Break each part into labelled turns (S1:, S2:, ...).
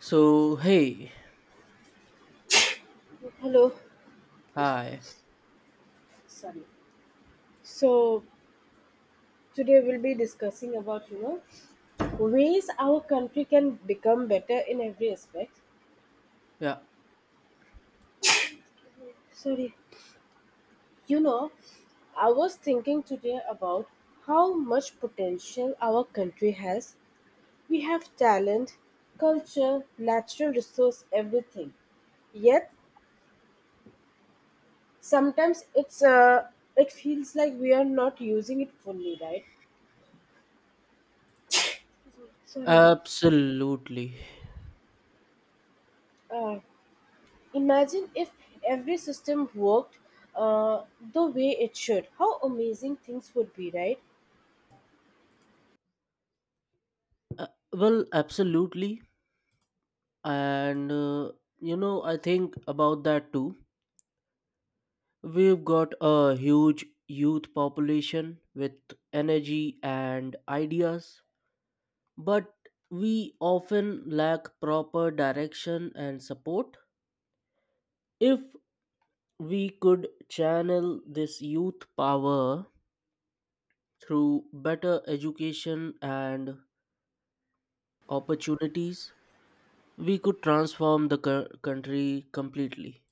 S1: So, hey,
S2: Hello.
S1: hi.
S2: Sorry. So today we'll be discussing about ways our country can become better in every aspect.
S1: Yeah,
S2: Sorry. You know, I was thinking today about how much potential our country has. We have talent, culture, natural resource, everything. Yet sometimes it feels like we are not using it fully, right? Sorry.
S1: absolutely.
S2: Uh, Imagine if every system worked uh, the way it should. How amazing things would be, right?
S1: Uh, well, absolutely. And you know, I think about that too. We've got a huge youth population with energy and ideas, but we often lack proper direction and support. If we could channel this youth power through better education and opportunities, we could transform the country completely.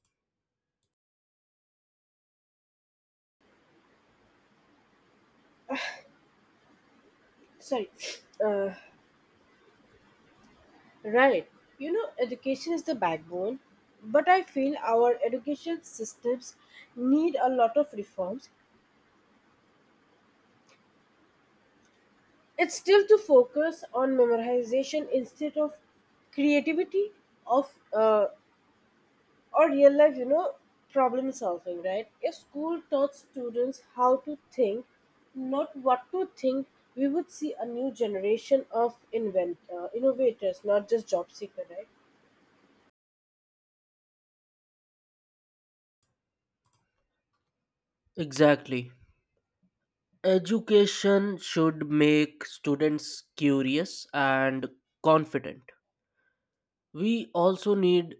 S2: Sorry, uh, right. Education is the backbone, but I feel our education systems need a lot of reforms. It's still to focus on memorization instead of creativity of or real life, problem solving, right? If school taught students how to think, not what to think, we would see a new generation of invent innovators, not just job seeker, right?
S1: Exactly. Education should make students curious and confident. We also need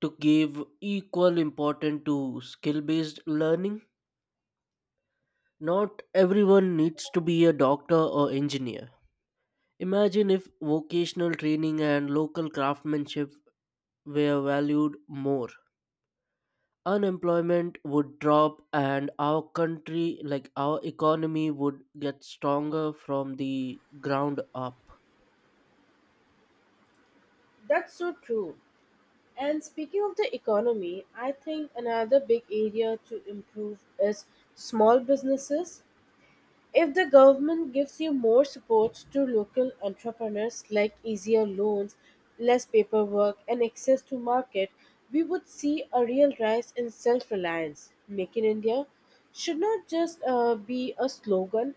S1: to give equal importance to skill based learning. Not everyone needs to be a doctor or engineer. Imagine if vocational training and local craftsmanship were valued more. Unemployment would drop and our country like our economy would get stronger from the ground up.
S2: That's so true. And speaking of the economy, I think another big area to improve is small businesses. If the government gives you more support to local entrepreneurs, like easier loans, less paperwork, and access to market, we would see a real rise in self reliance. Make in India should not just be a slogan,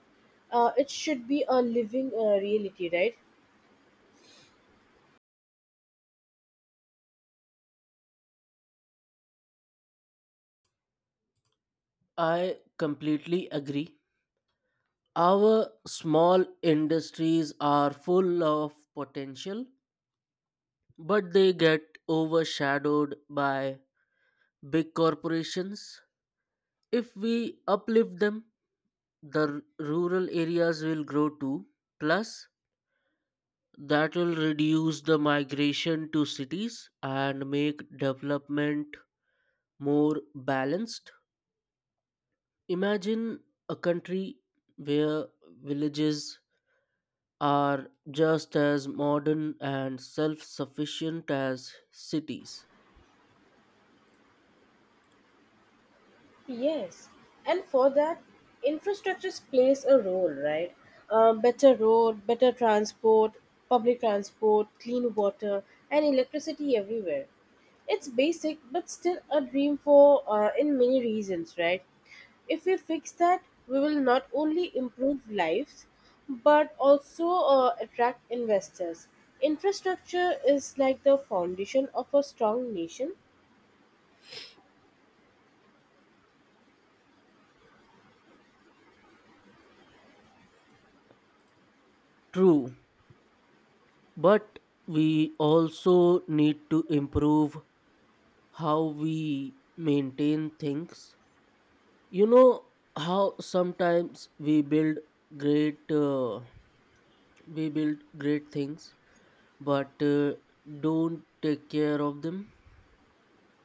S2: it should be a living reality, right?
S1: I completely agree. Our small industries are full of potential, but they get overshadowed by big corporations. If we uplift them, the r- rural areas will grow too. Plus, that will reduce the migration to cities and make development more balanced. Imagine a country where villages are just as modern and self sufficient as cities.
S2: Yes, and for that, infrastructures plays a role, right? Better road, better transport, public transport, clean water, and electricity everywhere. It's basic, but still a dream for in many reasons, right? If we fix that, we will not only improve lives, but also attract investors. Infrastructure is like the foundation of a strong nation.
S1: True, but we also need to improve how we maintain things. You know how sometimes we great. Uh, build great things but don't take care of them.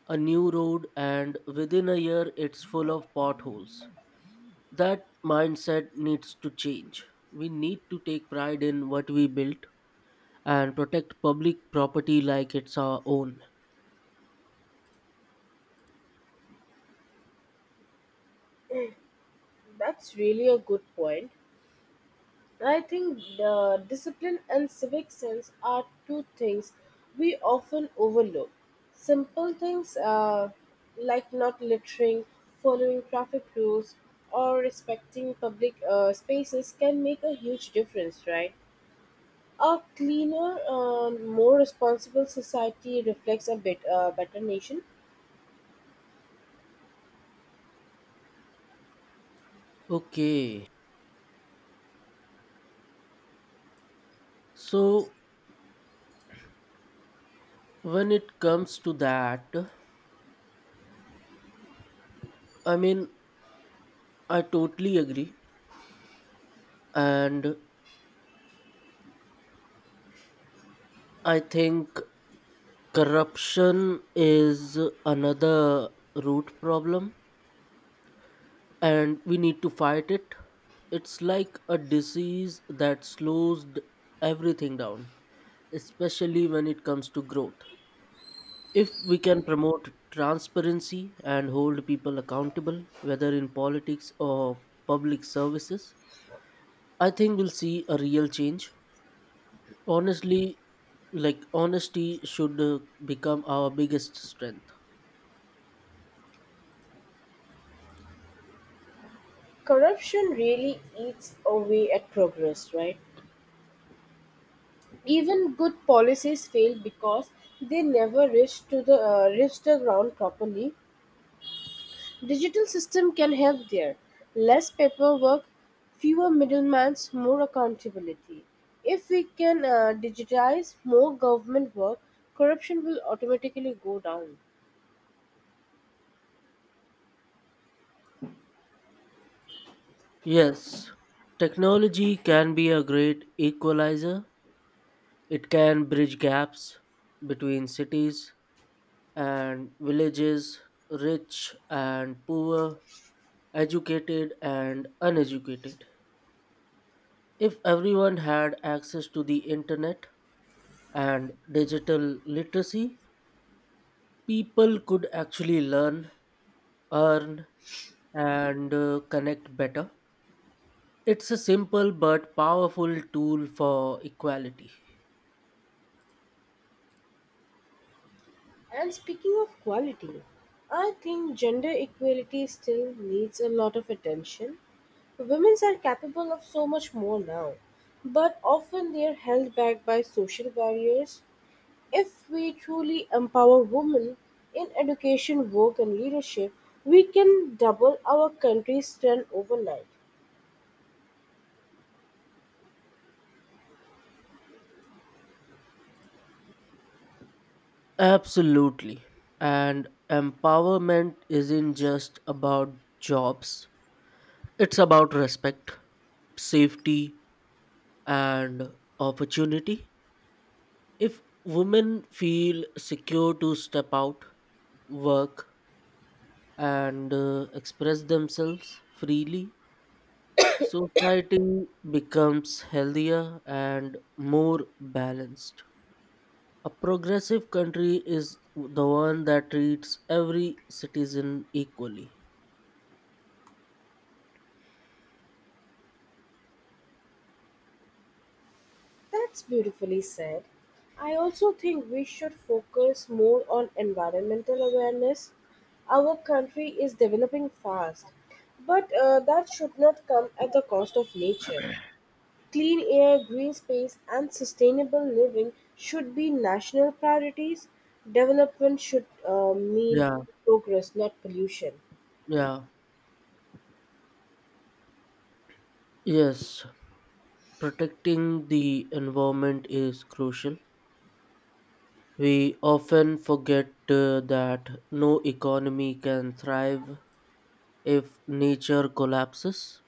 S1: A new road and within a year it's full of potholes. That mindset needs to change. We need to take pride in what we built and protect public property like it's our own.
S2: That's really a good point. I think the discipline and civic sense are two things we often overlook. Simple things like not littering, following traffic rules, or respecting public spaces can make a huge difference, right? A cleaner, more responsible society reflects a bit better nation.
S1: Okay, so when it comes to that, I mean, I totally agree. And I think corruption is another root problem and we need to fight it. It's like a disease that slows everything down, especially when it comes to growth. If we can promote transparency and hold people accountable, whether in politics or public services, I think we'll see a real change. Honestly, like honesty should become our biggest strength.
S2: Corruption really eats away at progress, right? Even good policies fail because they never reach the ground properly. Digital system can help there. Less paperwork, fewer middlemen, more accountability. If we can digitize more government work, corruption will automatically go down.
S1: Yes, technology can be a great equalizer. It can bridge gaps between cities and villages, rich and poor, educated and uneducated. If everyone had access to the internet and digital literacy, people could actually learn, earn, and connect better. It's a simple but powerful tool for equality.
S2: And speaking of quality, I think gender equality still needs a lot of attention. Women are capable of so much more now, but often they are held back by social barriers. If we truly empower women in education, work, and leadership, we can double our country's strength overnight.
S1: Absolutely. And empowerment isn't just about jobs, it's about respect, safety, and opportunity. If women feel secure to step out, work, and express themselves freely, society becomes healthier and more balanced. A progressive country is the one that treats every citizen equally.
S2: That's beautifully said. I also think we should focus more on environmental awareness. Our country is developing fast, but that should not come at the cost of nature. Clean air, green space, and sustainable living should be national priorities. Development should mean
S1: Yeah.
S2: progress, not pollution.
S1: Yeah, yes, protecting the environment is crucial. We often forget that no economy can thrive if nature collapses.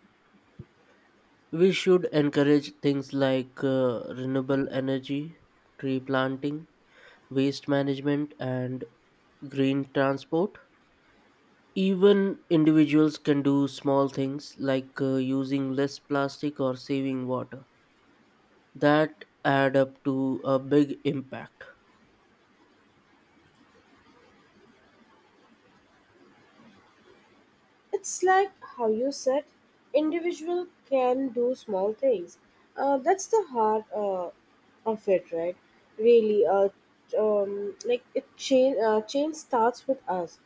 S1: We should encourage things like renewable energy, tree planting, waste management, and green transport. Even individuals can do small things like using less plastic or saving water that add up to a big impact.
S2: It's like how you said, individual can do small things. That's the heart of it, right? Really, like it change. Change starts with us.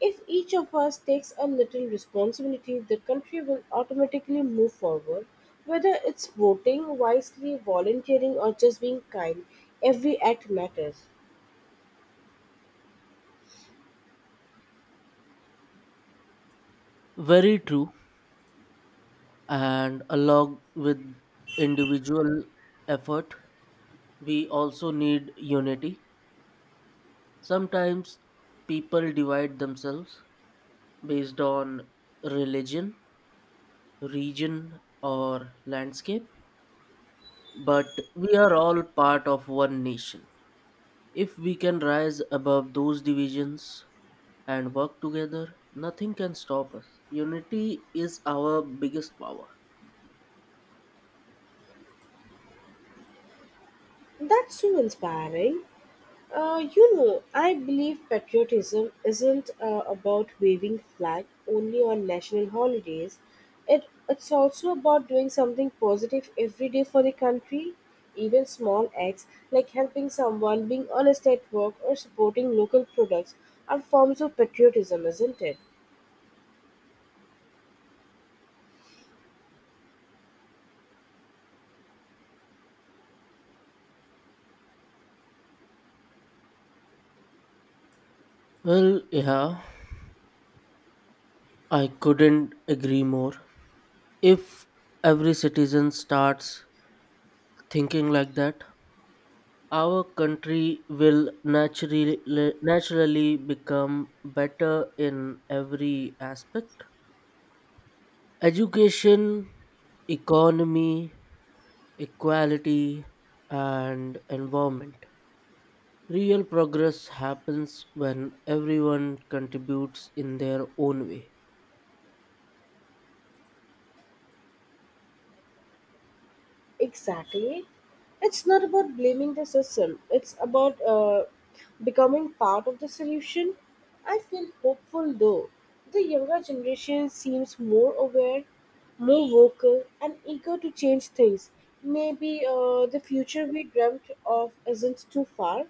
S2: If each of us takes a little responsibility, the country will automatically move forward. Whether it's voting wisely, volunteering, or just being kind, every act matters.
S1: Very true. And along with individual effort, we also need unity. Sometimes people divide themselves based on religion, region, or landscape, but we are all part of one nation. If we can rise above those divisions and work together, nothing can stop us. Unity is our biggest power.
S2: That's so inspiring. I believe patriotism isn't about waving flag only on national holidays. It's also about doing something positive every day for the country. Even small acts like helping someone, being honest at work, or supporting local products are forms of patriotism, isn't it?
S1: Well, yeah, I couldn't agree more. If every citizen starts thinking like that, our country will naturally become better in every aspect. Education, economy, equality, and environment. Real progress happens when everyone contributes in their own way.
S2: Exactly. It's not about blaming the system, it's about becoming part of the solution. I feel hopeful though. The younger generation seems more aware, more vocal, and eager to change things. Maybe the future we dreamt of isn't too far.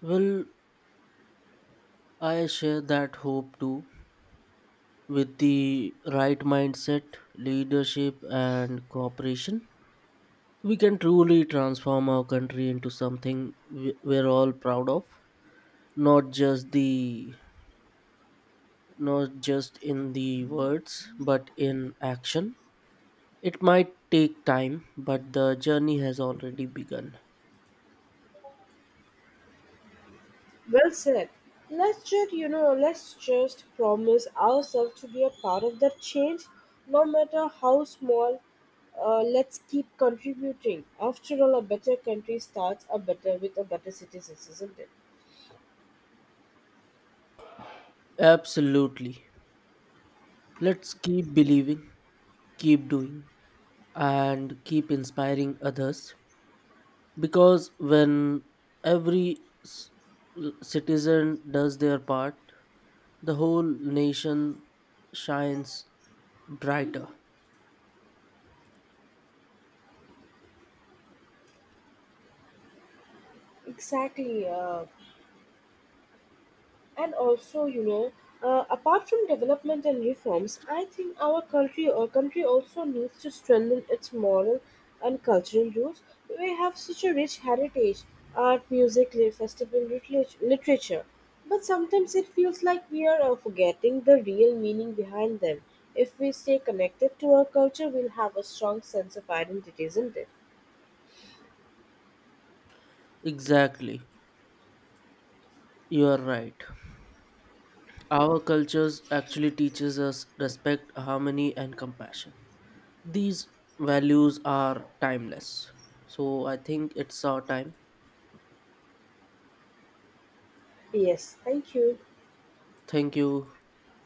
S1: Will I share that hope too? With the right mindset, leadership, and cooperation, we can truly transform our country into something we're all proud of. Not just the Not just in the words, but in action. It might take time, but the journey has already begun.
S2: Well said. Let's just promise ourselves to be a part of that change, no matter how small. Let's keep contributing. After all, a better country starts a better with a better citizens, isn't it?
S1: Absolutely. Let's keep believing, keep doing, and keep inspiring others, because when every s- citizen does their part, the whole nation shines brighter.
S2: Exactly. And also, apart from development and reforms, I think our country also needs to strengthen its moral and cultural roots. We have such a rich heritage, art, music, festival, literature. But sometimes it feels like we are forgetting the real meaning behind them. If we stay connected to our culture, we'll have a strong sense of identity, isn't it?
S1: Exactly. You are right. Our cultures actually teaches us respect, harmony, and compassion. These values are timeless, so I think it's our time.
S2: Yes, thank you.
S1: Thank you.